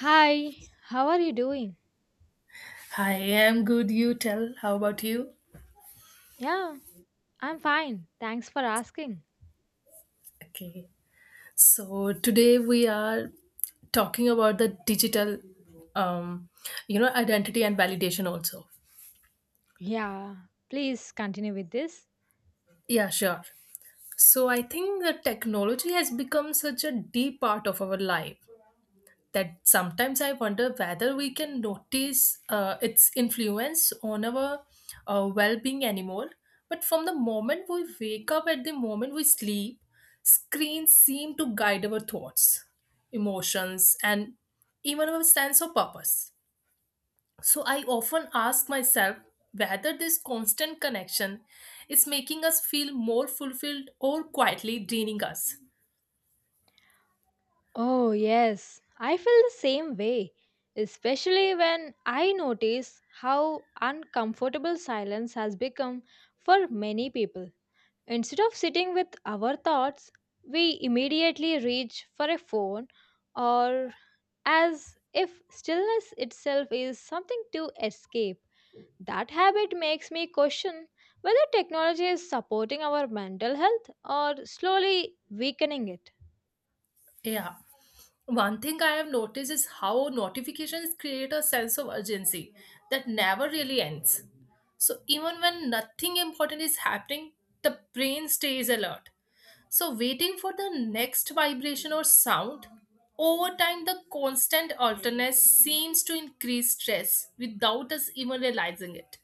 Hi, how are you doing? I am good, you tell. How about you? Yeah, I'm fine. Thanks for asking. Okay. So today we are talking about the digital um identity and validation also. Yeah, please continue with this. Yeah, sure. So I think the technology has become such a deep part of our life that sometimes I wonder whether we can notice its influence on our well being anymore. But from the moment we wake up at the moment we sleep, screens seem to guide our thoughts, emotions, and even our sense of purpose. So I often ask myself whether this constant connection is making us feel more fulfilled or quietly draining us. Oh, yes, I feel the same way, especially when I notice how uncomfortable silence has become for many people. Instead of sitting with our thoughts, we immediately reach for a phone or as if stillness itself is something to escape. That habit makes me question whether technology is supporting our mental health or slowly weakening it. Yeah. One thing I have noticed is how notifications create a sense of urgency that never really ends. So even when nothing important is happening, the brain stays alert. So waiting for the next vibration or sound, over time the constant alertness seems to increase stress without us even realizing it.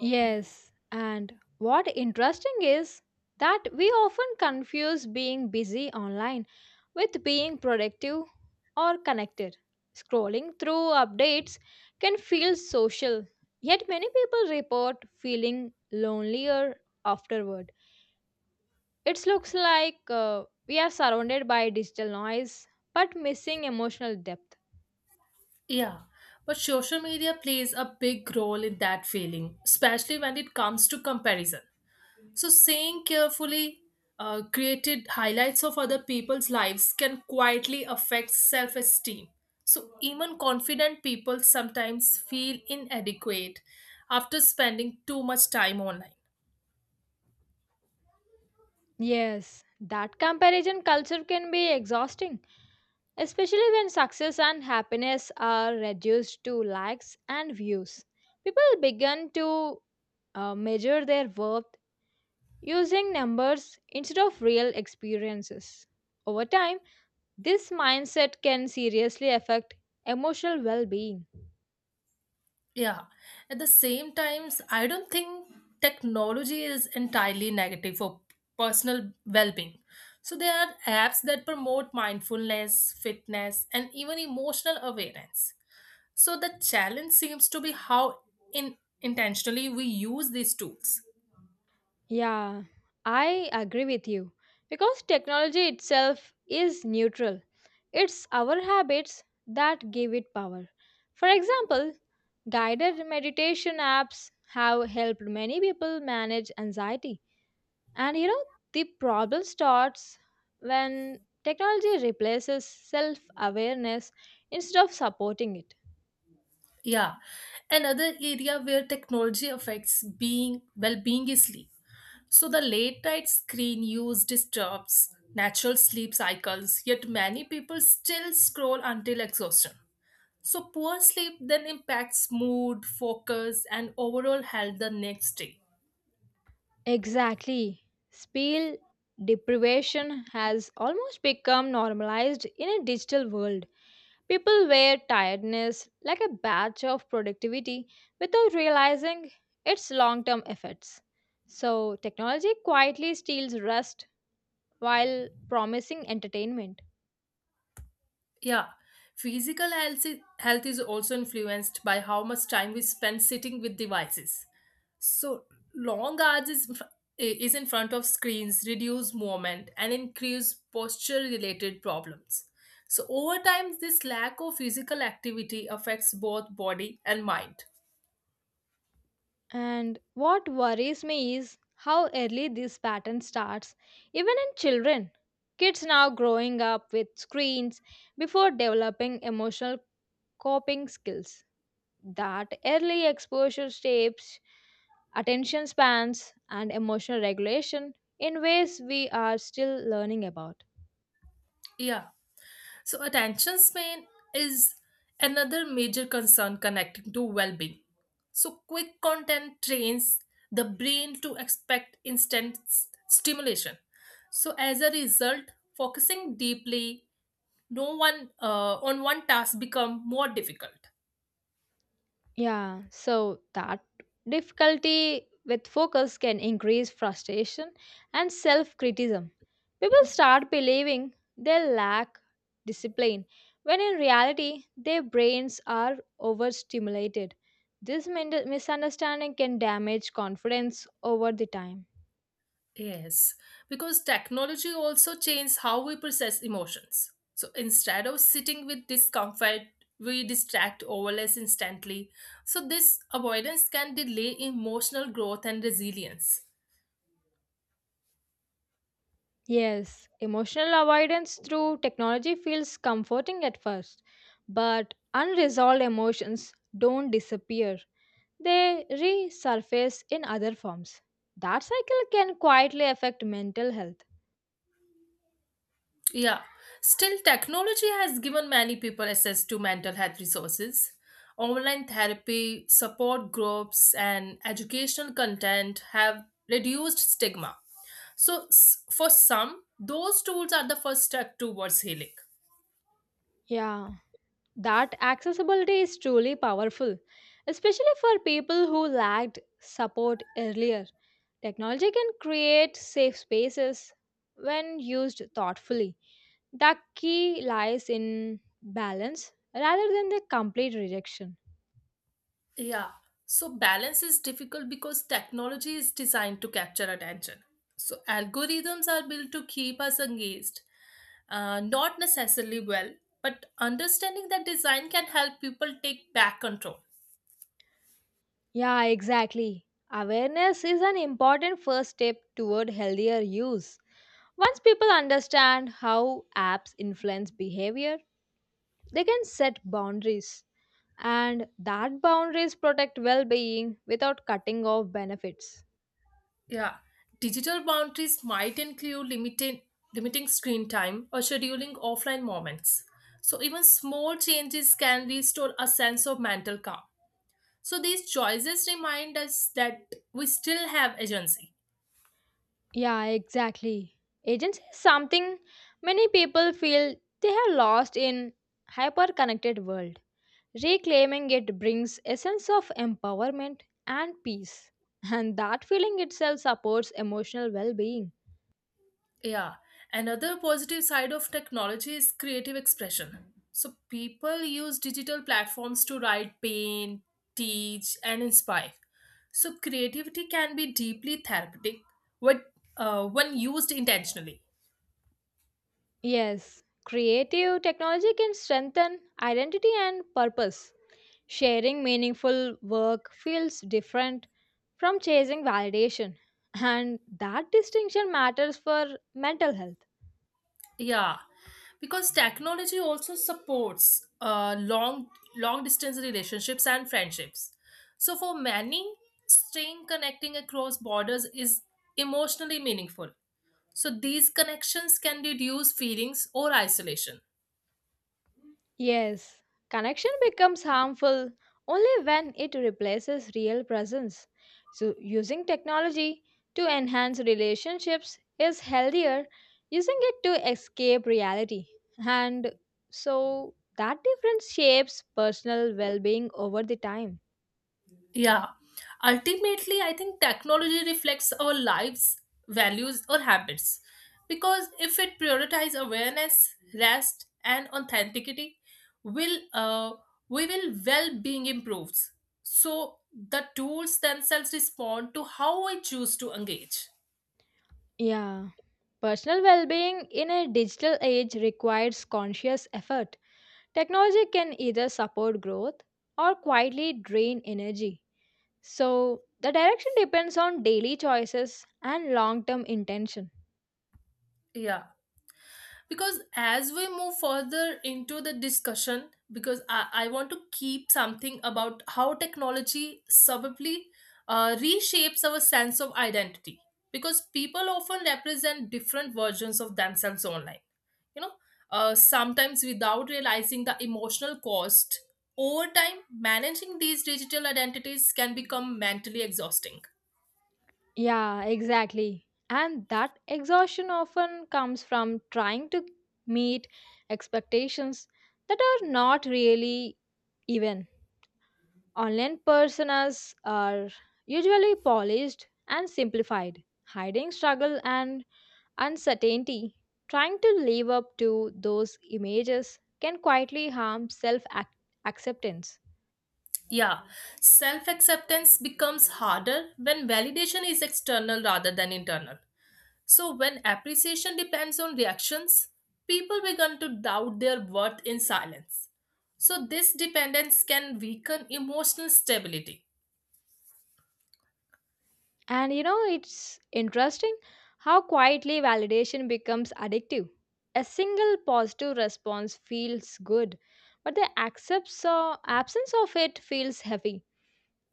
Yes, and what interesting is that we often confuse being busy online with being productive or connected. Scrolling through updates can feel social, yet, many people report feeling lonelier afterward. It looks like we are surrounded by digital noise but missing emotional depth. Yeah, but social media plays a big role in that feeling, especially when it comes to comparison. So, saying carefully created highlights of other people's lives can quietly affect self esteem. So, even confident people sometimes feel inadequate after spending too much time online. Yes, that comparison culture can be exhausting, especially when success and happiness are reduced to likes and views. People begin to measure their worth using numbers instead of real experiences. Over time, this mindset can seriously affect emotional well being. Yeah. At the same times, I don't think technology is entirely negative for personal well being. So, there are apps that promote mindfulness, fitness, and even emotional awareness. So the challenge seems to be how in intentionally we use these tools. Yeah, I agree with you. Because technology itself is neutral, it's our habits that give it power. For example, guided meditation apps have helped many people manage anxiety. And you know, the problem starts when technology replaces self awareness instead of supporting it. Yeah. Another area where technology affects being well-being is sleep. So the late night screen use disturbs natural sleep cycles, yet many people still scroll until exhaustion. So poor sleep then impacts mood, focus, and overall health the next day. Exactly. Spiel deprivation has almost become normalized in a digital world. People wear tiredness like a badge of productivity without realizing its long term effects. So, technology quietly steals rest while promising entertainment. Yeah, physical health is also influenced by how much time we spend sitting with devices. So long hours is, f- is in front of screens, reduce movement, and increase posture related problems. So over time, this lack of physical activity affects both body and mind. And what worries me is how early this pattern starts, even in children. Kids now growing up with screens before developing emotional coping skills that early exposure shapes attention spans and emotional regulation in ways we are still learning about. Yeah. So, attention span is another major concern connecting to well being. So, quick content trains the brain to expect instant stimulation. So, as a result, focusing deeply no one on one task become more difficult. Yeah, so that difficulty with focus can increase frustration and self criticism. People start believing they lack discipline when in reality their brains are overstimulated. This misunderstanding can damage confidence over the time. Yes, because technology also changes how we process emotions. So instead of sitting with discomfort, we distract overless instantly. So this avoidance can delay emotional growth and resilience. Yes, emotional avoidance through technology feels comforting at first, but unresolved emotions don't disappear. They resurface in other forms. That cycle can quietly affect mental health. Yeah, still, technology has given many people access to mental health resources. Online therapy, support groups, and educational content have reduced stigma. So, for some, those tools are the first step towards healing. Yeah, that accessibility is truly powerful, especially for people who lacked support earlier. Technology can create safe spaces when used thoughtfully. The key lies in balance rather than the complete rejection. Yeah. So balance is difficult because technology is designed to capture attention. So algorithms are built to keep us engaged, not necessarily well, but understanding that design can help people take back control. Yeah, exactly. Awareness is an important first step toward healthier use. Once people understand how apps influence behavior, they can set boundaries, and that boundaries protect well being without cutting off benefits. Yeah. Digital boundaries might include limiting screen time or scheduling offline moments. So even small changes can restore a sense of mental calm. So these choices remind us that we still have agency. Yeah, exactly. Agency is something many people feel they have lost in hyper connected world. Reclaiming it brings a sense of empowerment and peace, and that feeling itself supports emotional well-being. Yeah. Another positive side of technology is creative expression. So people use digital platforms to write, paint, teach, and inspire. So creativity can be deeply therapeutic when, when used intentionally. Yes, creative technology can strengthen identity and purpose. Sharing meaningful work feels different from chasing validation, and that distinction matters for mental health. Yeah, because technology also supports long distance relationships and friendships. So for many, staying connecting across borders is emotionally meaningful. So these connections can reduce feelings or isolation. Yes, connection becomes harmful only when it replaces real presence. So, using technology to enhance relationships is healthier, using it to escape reality. And so, that difference shapes personal well being over the time. Yeah. Ultimately, I think technology reflects our lives, values, or habits. Because if it prioritizes awareness, rest, and authenticity, will we will well-being improves. So the tools themselves respond to how I choose to engage. Yeah. Personal well being in a digital age requires conscious effort. Technology can either support growth or quietly drain energy. So the direction depends on daily choices and long term intention. Yeah, because as we move further into the discussion, I want to keep something about how technology subtly reshapes our sense of identity, because people often represent different versions of themselves online, you know sometimes without realizing the emotional cost. Over time managing these digital identities can become mentally exhausting. Yeah, exactly. And that exhaustion often comes from trying to meet expectations that are not really even. Online personas are usually polished and simplified, hiding struggle and uncertainty. Trying to live up to those images can quietly harm self acceptance. Yeah, self acceptance becomes harder when validation is external rather than internal. So, when appreciation depends on reactions, people begin to doubt their worth in silence. So, this dependence can weaken emotional stability. And you know, it's interesting how quietly validation becomes addictive. A single positive response feels good, but the accepts or absence of it feels heavy.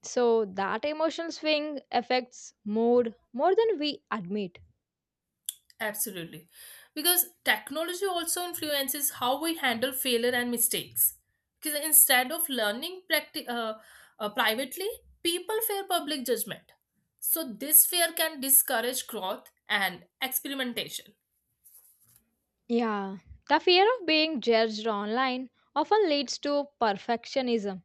So that emotional swing affects mood more than we admit. Absolutely. Because technology also influences how we handle failure and mistakes. Because instead of learning privately, people fear public judgment. So, this fear can discourage growth and experimentation. Yeah, the fear of being judged online often leads to perfectionism.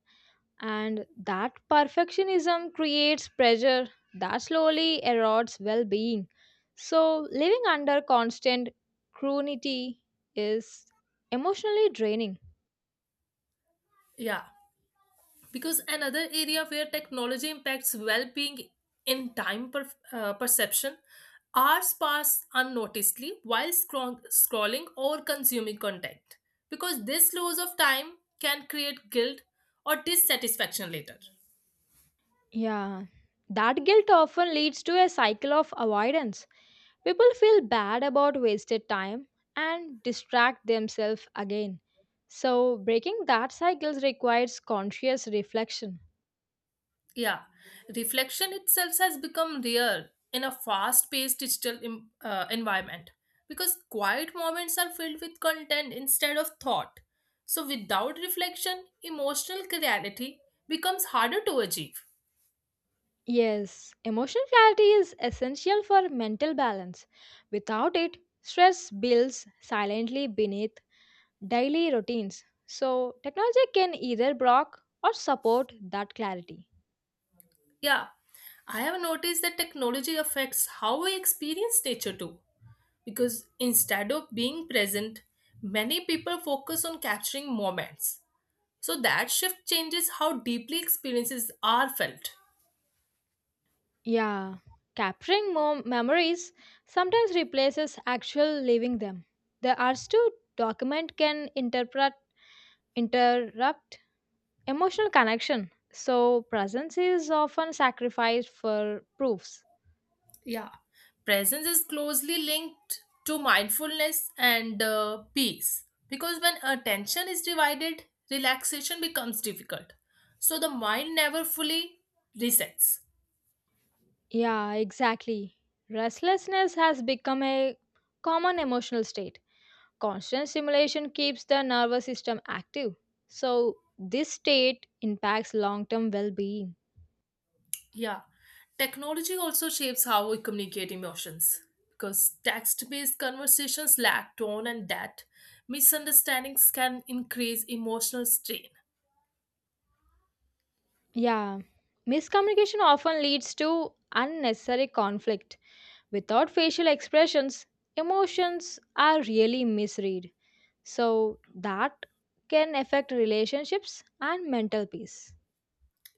And that perfectionism creates pressure that slowly erodes well being. So, living under constant scrutiny is emotionally draining. Yeah, because another area where technology impacts well-being in perception, hours pass unnoticedly while scrolling or consuming content, because this loss of time can create guilt or dissatisfaction later. Yeah, that guilt often leads to a cycle of avoidance. People feel bad about wasted time and distract themselves again. So, breaking that cycle requires conscious reflection. Yeah, reflection itself has become rare in a fast paced digital environment, because quiet moments are filled with content instead of thought. So, without reflection, emotional clarity becomes harder to achieve. Yes, emotional clarity is essential for mental balance. Without it, stress builds silently beneath daily routines. So, technology can either block or support that clarity. Yeah, I have noticed that technology affects how we experience nature too, because instead of being present, many people focus on capturing moments. So, that shift changes how deeply experiences are felt. Yeah, capturing memories sometimes replaces actual living them. The arts to document can interpret interrupt emotional connection. So, presence is often sacrificed for proofs. Yeah, presence is closely linked to mindfulness and peace, because when attention is divided, relaxation becomes difficult. So the mind never fully resets. Yeah, exactly. Restlessness has become a common emotional state. Constant stimulation keeps the nervous system active. So, this state impacts long term well being. Yeah, technology also shapes how we communicate emotions because text based conversations lack tone and depth. Misunderstandings can increase emotional strain. Yeah, miscommunication often leads to unnecessary conflict. Without facial expressions, emotions are really misread. So, that can affect relationships and mental peace.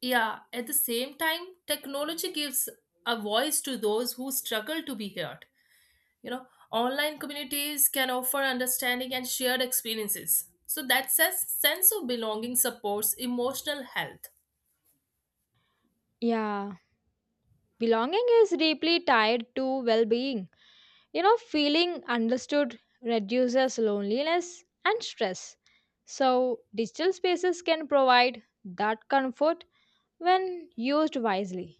Yeah, at the same time, technology gives a voice to those who struggle to be heard. Online communities can offer understanding and shared experiences, so that says sense of belonging supports emotional health. Yeah, belonging is deeply tied to well being. You know, feeling understood reduces loneliness and stress. So, digital spaces can provide that comfort when used wisely.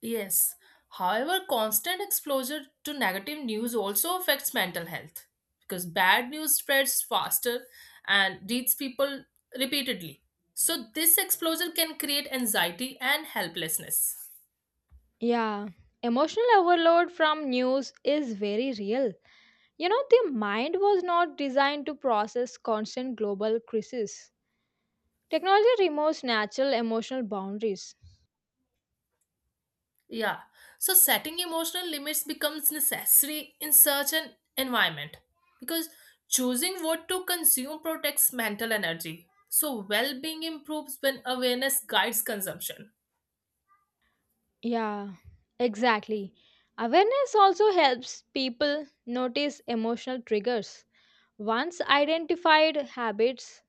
Yes, however constant exposure to negative news also affects mental health, because bad news spreads faster and reaches people repeatedly, so this exposure can create anxiety and helplessness. Yeah, emotional overload from news is very real. You know, the mind was not designed to process constant global crises. Technology removes natural emotional boundaries. Yeah. So setting emotional limits becomes necessary in such an environment, because choosing what to consume protects mental energy. So well-being improves when awareness guides consumption. Yeah, exactly. Awareness also helps people notice emotional triggers. Once identified, habits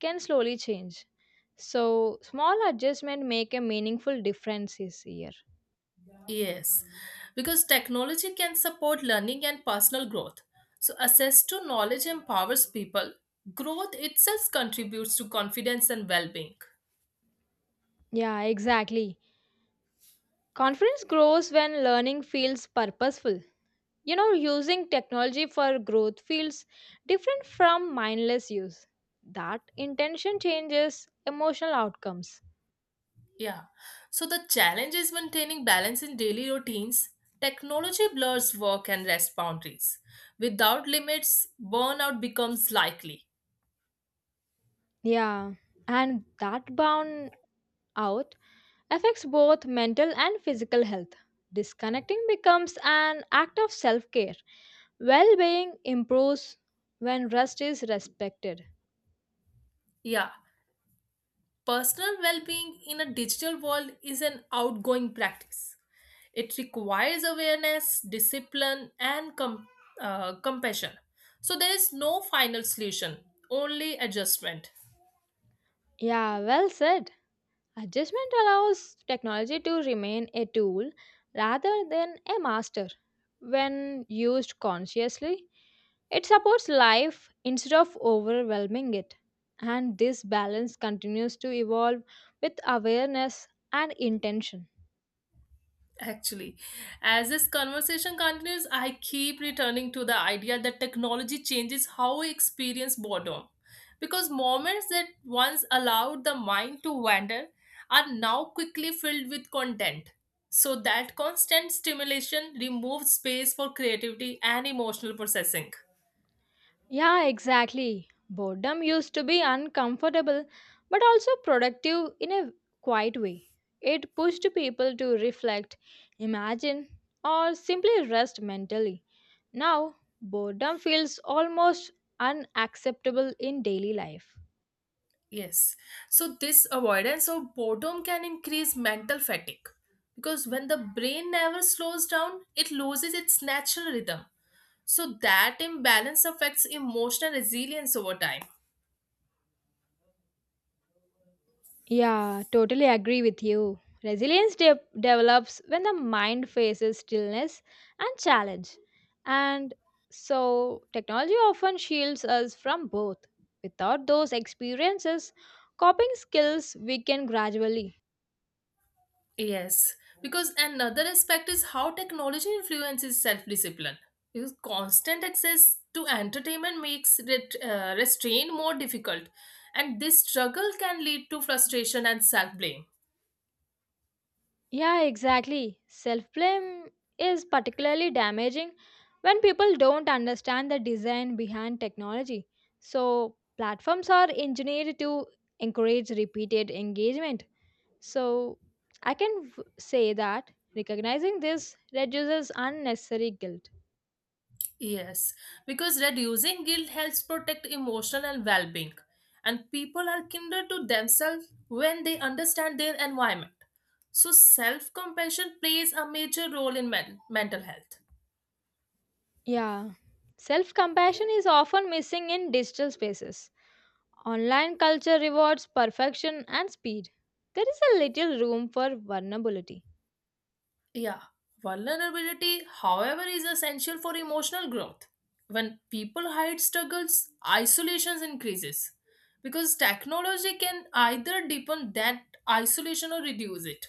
can slowly change. So, small adjustment make a meaningful difference this year. Yes. Because technology can support learning and personal growth. So access to knowledge empowers people. Growth itself contributes to confidence and well-being. Yeah, exactly. Confidence grows when learning feels purposeful. You know, using technology for growth feels different from mindless use. That intention changes emotional outcomes. Yeah. So the challenge is maintaining balance in daily routines. Technology blurs work and rest boundaries. Without limits, burnout becomes likely. Yeah, and that bound out affects both mental and physical health. Disconnecting becomes an act of self care. Well being improves when rest is respected. Yeah. Personal well being in a digital world is an outgoing practice. It requires awareness, discipline, and compassion. So there is no final solution, only adjustment. Yeah, well said. Adjustment allows technology to remain a tool rather than a master when used consciously. It supports life instead of overwhelming it. And this balance continues to evolve with awareness and intention. Actually, as this conversation continues, I keep returning to the idea that technology changes how we experience boredom. Because moments that once allowed the mind to wander are now quickly filled with content. So that constant stimulation removes space for creativity and emotional processing. Yeah, exactly. Boredom used to be uncomfortable but also productive in a quiet way. It pushed people to reflect, imagine, or simply rest mentally. Now, boredom feels almost unacceptable in daily life. Yes. So, this avoidance of boredom can increase mental fatigue, because when the brain never slows down, it loses its natural rhythm. So that imbalance affects emotional resilience over time. Yeah, totally agree with you. Resilience develops when the mind faces stillness and challenge. And so, technology often shields us from both. Without those experiences, coping skills weaken gradually. Yes, because another aspect is how technology influences self discipline. Because constant access to entertainment makes restraint more difficult, and this struggle can lead to frustration and self blame. Yeah, exactly. Self blame is particularly damaging when people don't understand the design behind technology. So, platforms are engineered to encourage repeated engagement. So I can say that recognizing this reduces unnecessary guilt. Yes, because reducing guilt helps protect emotional and well being, and people are kinder to themselves when they understand their environment. So, self compassion plays a major role in mental health. Yeah. Self compassion is often missing in digital spaces. Online culture rewards perfection and speed. There is a little room for vulnerability. Yeah, vulnerability, however, is essential for emotional growth. When people hide struggles, isolation increases, because technology can either deepen that isolation or reduce it.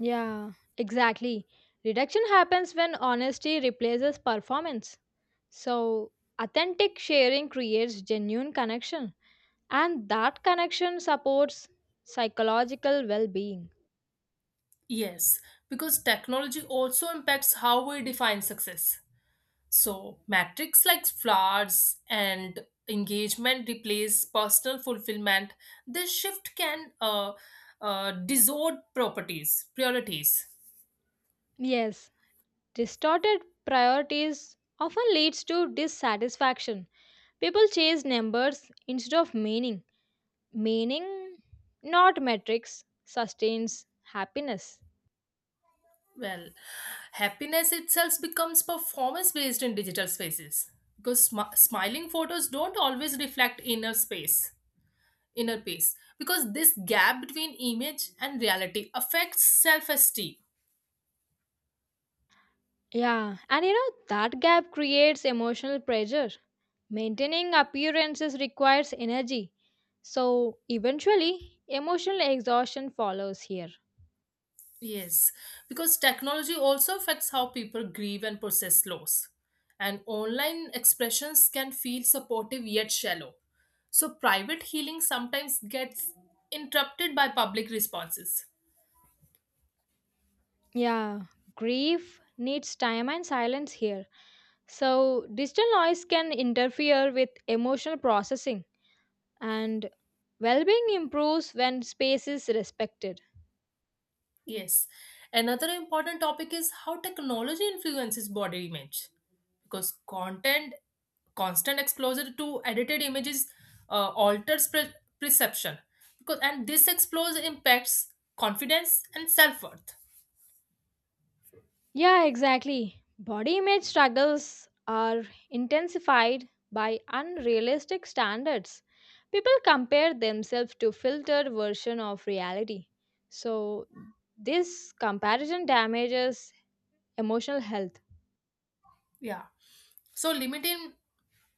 Yeah, exactly. Reduction happens when honesty replaces performance. So, authentic sharing creates genuine connection, and that connection supports psychological well being. Yes, because technology also impacts how we define success. So, metrics like flowers and engagement replace personal fulfillment. This shift can distort properties, priorities. Yes, distorted priorities often leads to dissatisfaction. People chase numbers instead of meaning. Meaning, not metrics, sustains happiness. Well, happiness itself becomes performance based in digital spaces, because smiling photos don't always reflect inner peace, because this gap between image and reality affects self esteem. Yeah, and you know that gap creates emotional pressure. Maintaining appearances requires energy. So, eventually, emotional exhaustion follows here. Yes, because technology also affects how people grieve and process loss. And online expressions can feel supportive yet shallow. So private healing sometimes gets interrupted by public responses. Yeah, grief needs time and silence here. So, digital noise can interfere with emotional processing, and well being improves when space is respected. Yes. Another important topic is how technology influences body image. Because constant exposure to edited images alters perception. Because and this exposure impacts confidence and self-worth. Yeah, exactly. Body image struggles are intensified by unrealistic standards. People compare themselves to filtered version of reality. So, this comparison damages emotional health. Yeah. So limiting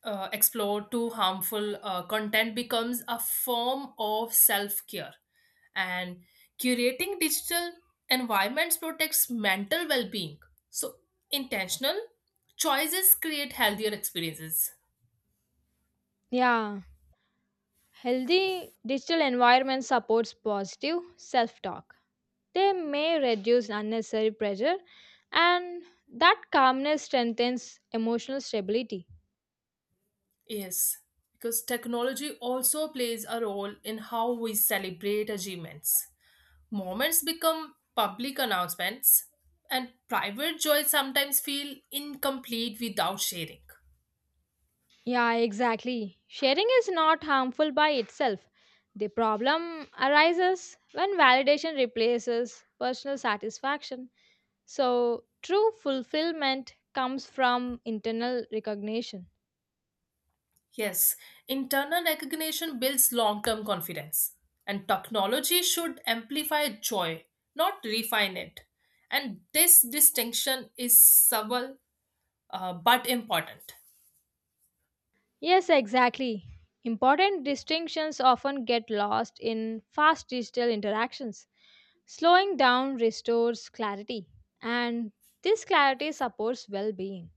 explore to harmful content becomes a form of self care, and curating digital environments protects mental well being. So intentional choices create healthier experiences. Yeah, healthy digital environment supports positive self-talk. They may reduce unnecessary pressure, and that calmness strengthens emotional stability. Yes, because technology also plays a role in how we celebrate achievements. Moments become public announcements, and private joys sometimes feel incomplete without sharing. Yeah, exactly. Sharing is not harmful by itself. The problem arises when validation replaces personal satisfaction. So, true fulfillment comes from internal recognition. Yes, internal recognition builds long term confidence, and technology should amplify joy, not refine it. And this distinction is subtle but important. Yes, exactly. Important distinctions often get lost in fast digital interactions. Slowing down restores clarity, and this clarity supports well being.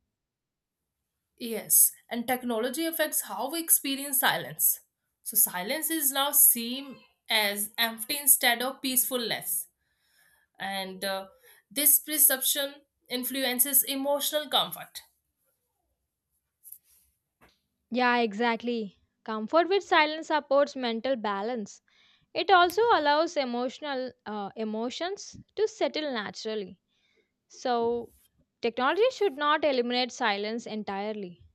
Yes, and technology affects how we experience silence. So, silence is now seen as empty instead of peacefulness, and this perception influences emotional comfort. Yeah, exactly. Comfort with silence supports mental balance. It also allows emotional emotions to settle naturally. So, technology should not eliminate silence entirely.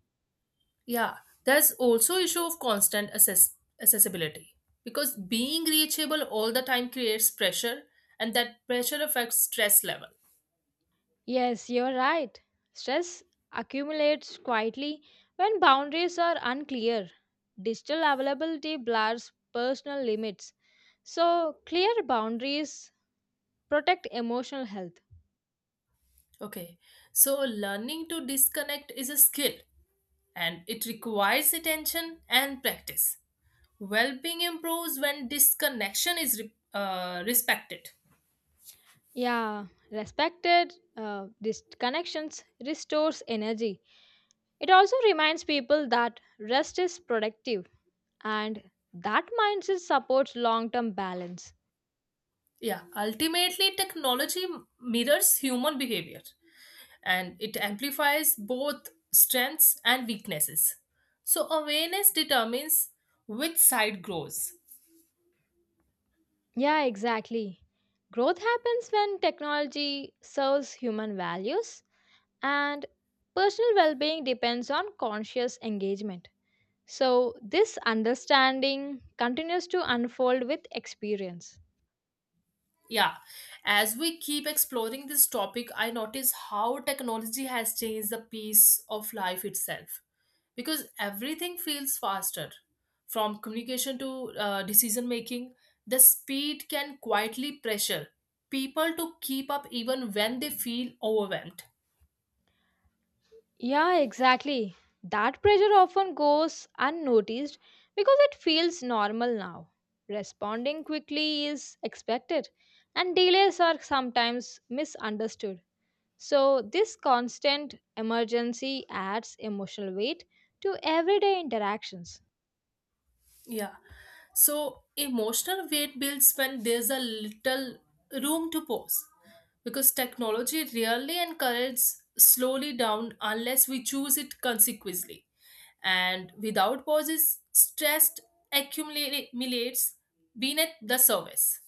Yeah, there's also issue of constant accessibility, because being reachable all the time creates pressure and that pressure affects stress level. Yes, you're right. Stress accumulates quietly when boundaries are unclear. Digital availability blurs personal limits. So, clear boundaries protect emotional health. Okay. So learning to disconnect is a skill and it requires attention and practice. Well-being improves when disconnection is respected. Yeah, respected connections restores energy. It also reminds people that rest is productive and that mindset supports long term balance. Yeah, ultimately technology mirrors human behavior and it amplifies both strengths and weaknesses. So, awareness determines which side grows. Yeah, exactly. Growth happens when technology serves human values and personal well being depends on conscious engagement. So, this understanding continues to unfold with experience. Yeah, as we keep exploring this topic, I notice how technology has changed the pace of life itself, because everything feels faster from communication to decision making. The speed can quietly pressure people to keep up even when they feel overwhelmed. Yeah, exactly. That pressure often goes unnoticed because it feels normal now. Responding quickly is expected, and delays are sometimes misunderstood. So, this constant emergency adds emotional weight to everyday interactions. Yeah. So emotional weight builds when there's a little room to pause, because technology rarely encourages slowly down unless we choose it consequently. And without pauses, stress accumulates beneath the surface.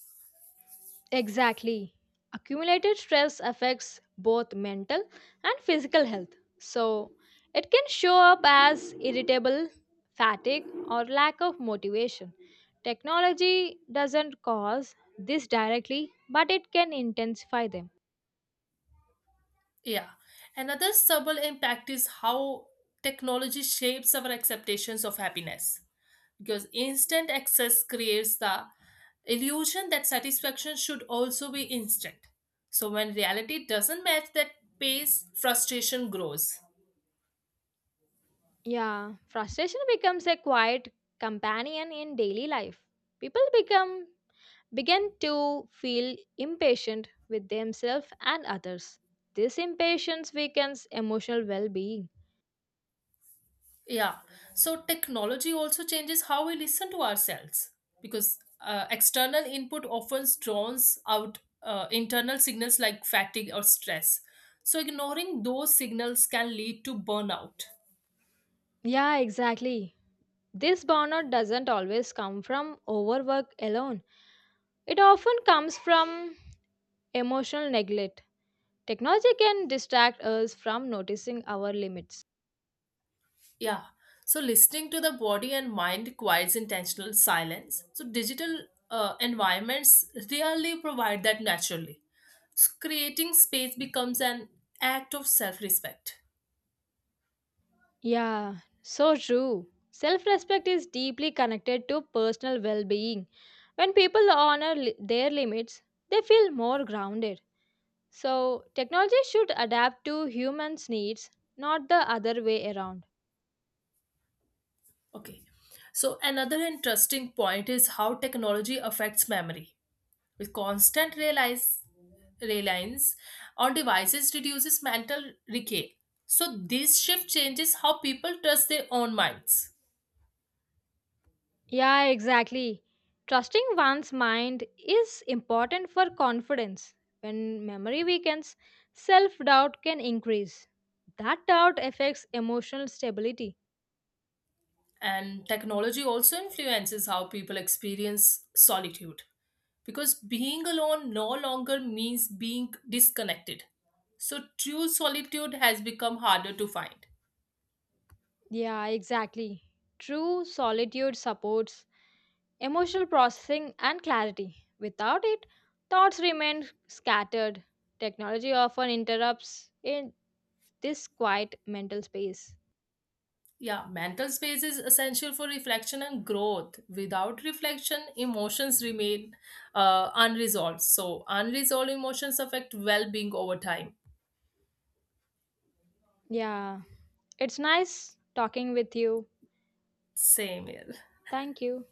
Exactly. Accumulated stress affects both mental and physical health. So, it can show up as irritable, fatigue, or lack of motivation. Technology doesn't cause this directly, but it can intensify them. Yeah. Another subtle impact is how technology shapes our expectations of happiness, because instant access creates the illusion that satisfaction should also be instant. So when reality doesn't match that pace, frustration grows. Yeah, frustration becomes a quiet companion in daily life. People become began to feel impatient with themselves and others. This impatience weakens emotional well being. Yeah. So technology also changes how we listen to ourselves, because external input often drowns out internal signals like fatigue or stress. So ignoring those signals can lead to burnout. Yeah, exactly. This burnout doesn't always come from overwork alone, it often comes from emotional neglect. Technology can distract us from noticing our limits. Yeah. So listening to the body and mind requires intentional silence. So digital environments rarely provide that naturally. So creating space becomes an act of self-respect. Yeah, so true. Self respect is deeply connected to personal well being. When people honor their limits, they feel more grounded. So, technology should adapt to humans' needs, not the other way around. Okay. So another interesting point is how technology affects memory. With constant realize reliance on devices reduces mental decay. So this shift changes how people trust their own minds. Yeah, exactly. Trusting one's mind is important for confidence. When memory weakens, self doubt can increase. That doubt affects emotional stability. And technology also influences how people experience solitude, because being alone no longer means being disconnected. So, true solitude has become harder to find. Yeah, exactly. True solitude supports emotional processing and clarity. Without it, thoughts remain scattered. Technology often interrupts in this quiet mental space. Yeah, mental space is essential for reflection and growth. Without reflection, emotions remain unresolved. So, unresolved emotions affect well being over time. Yeah, it's nice talking with you. Same here. Thank you.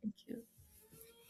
Thank you.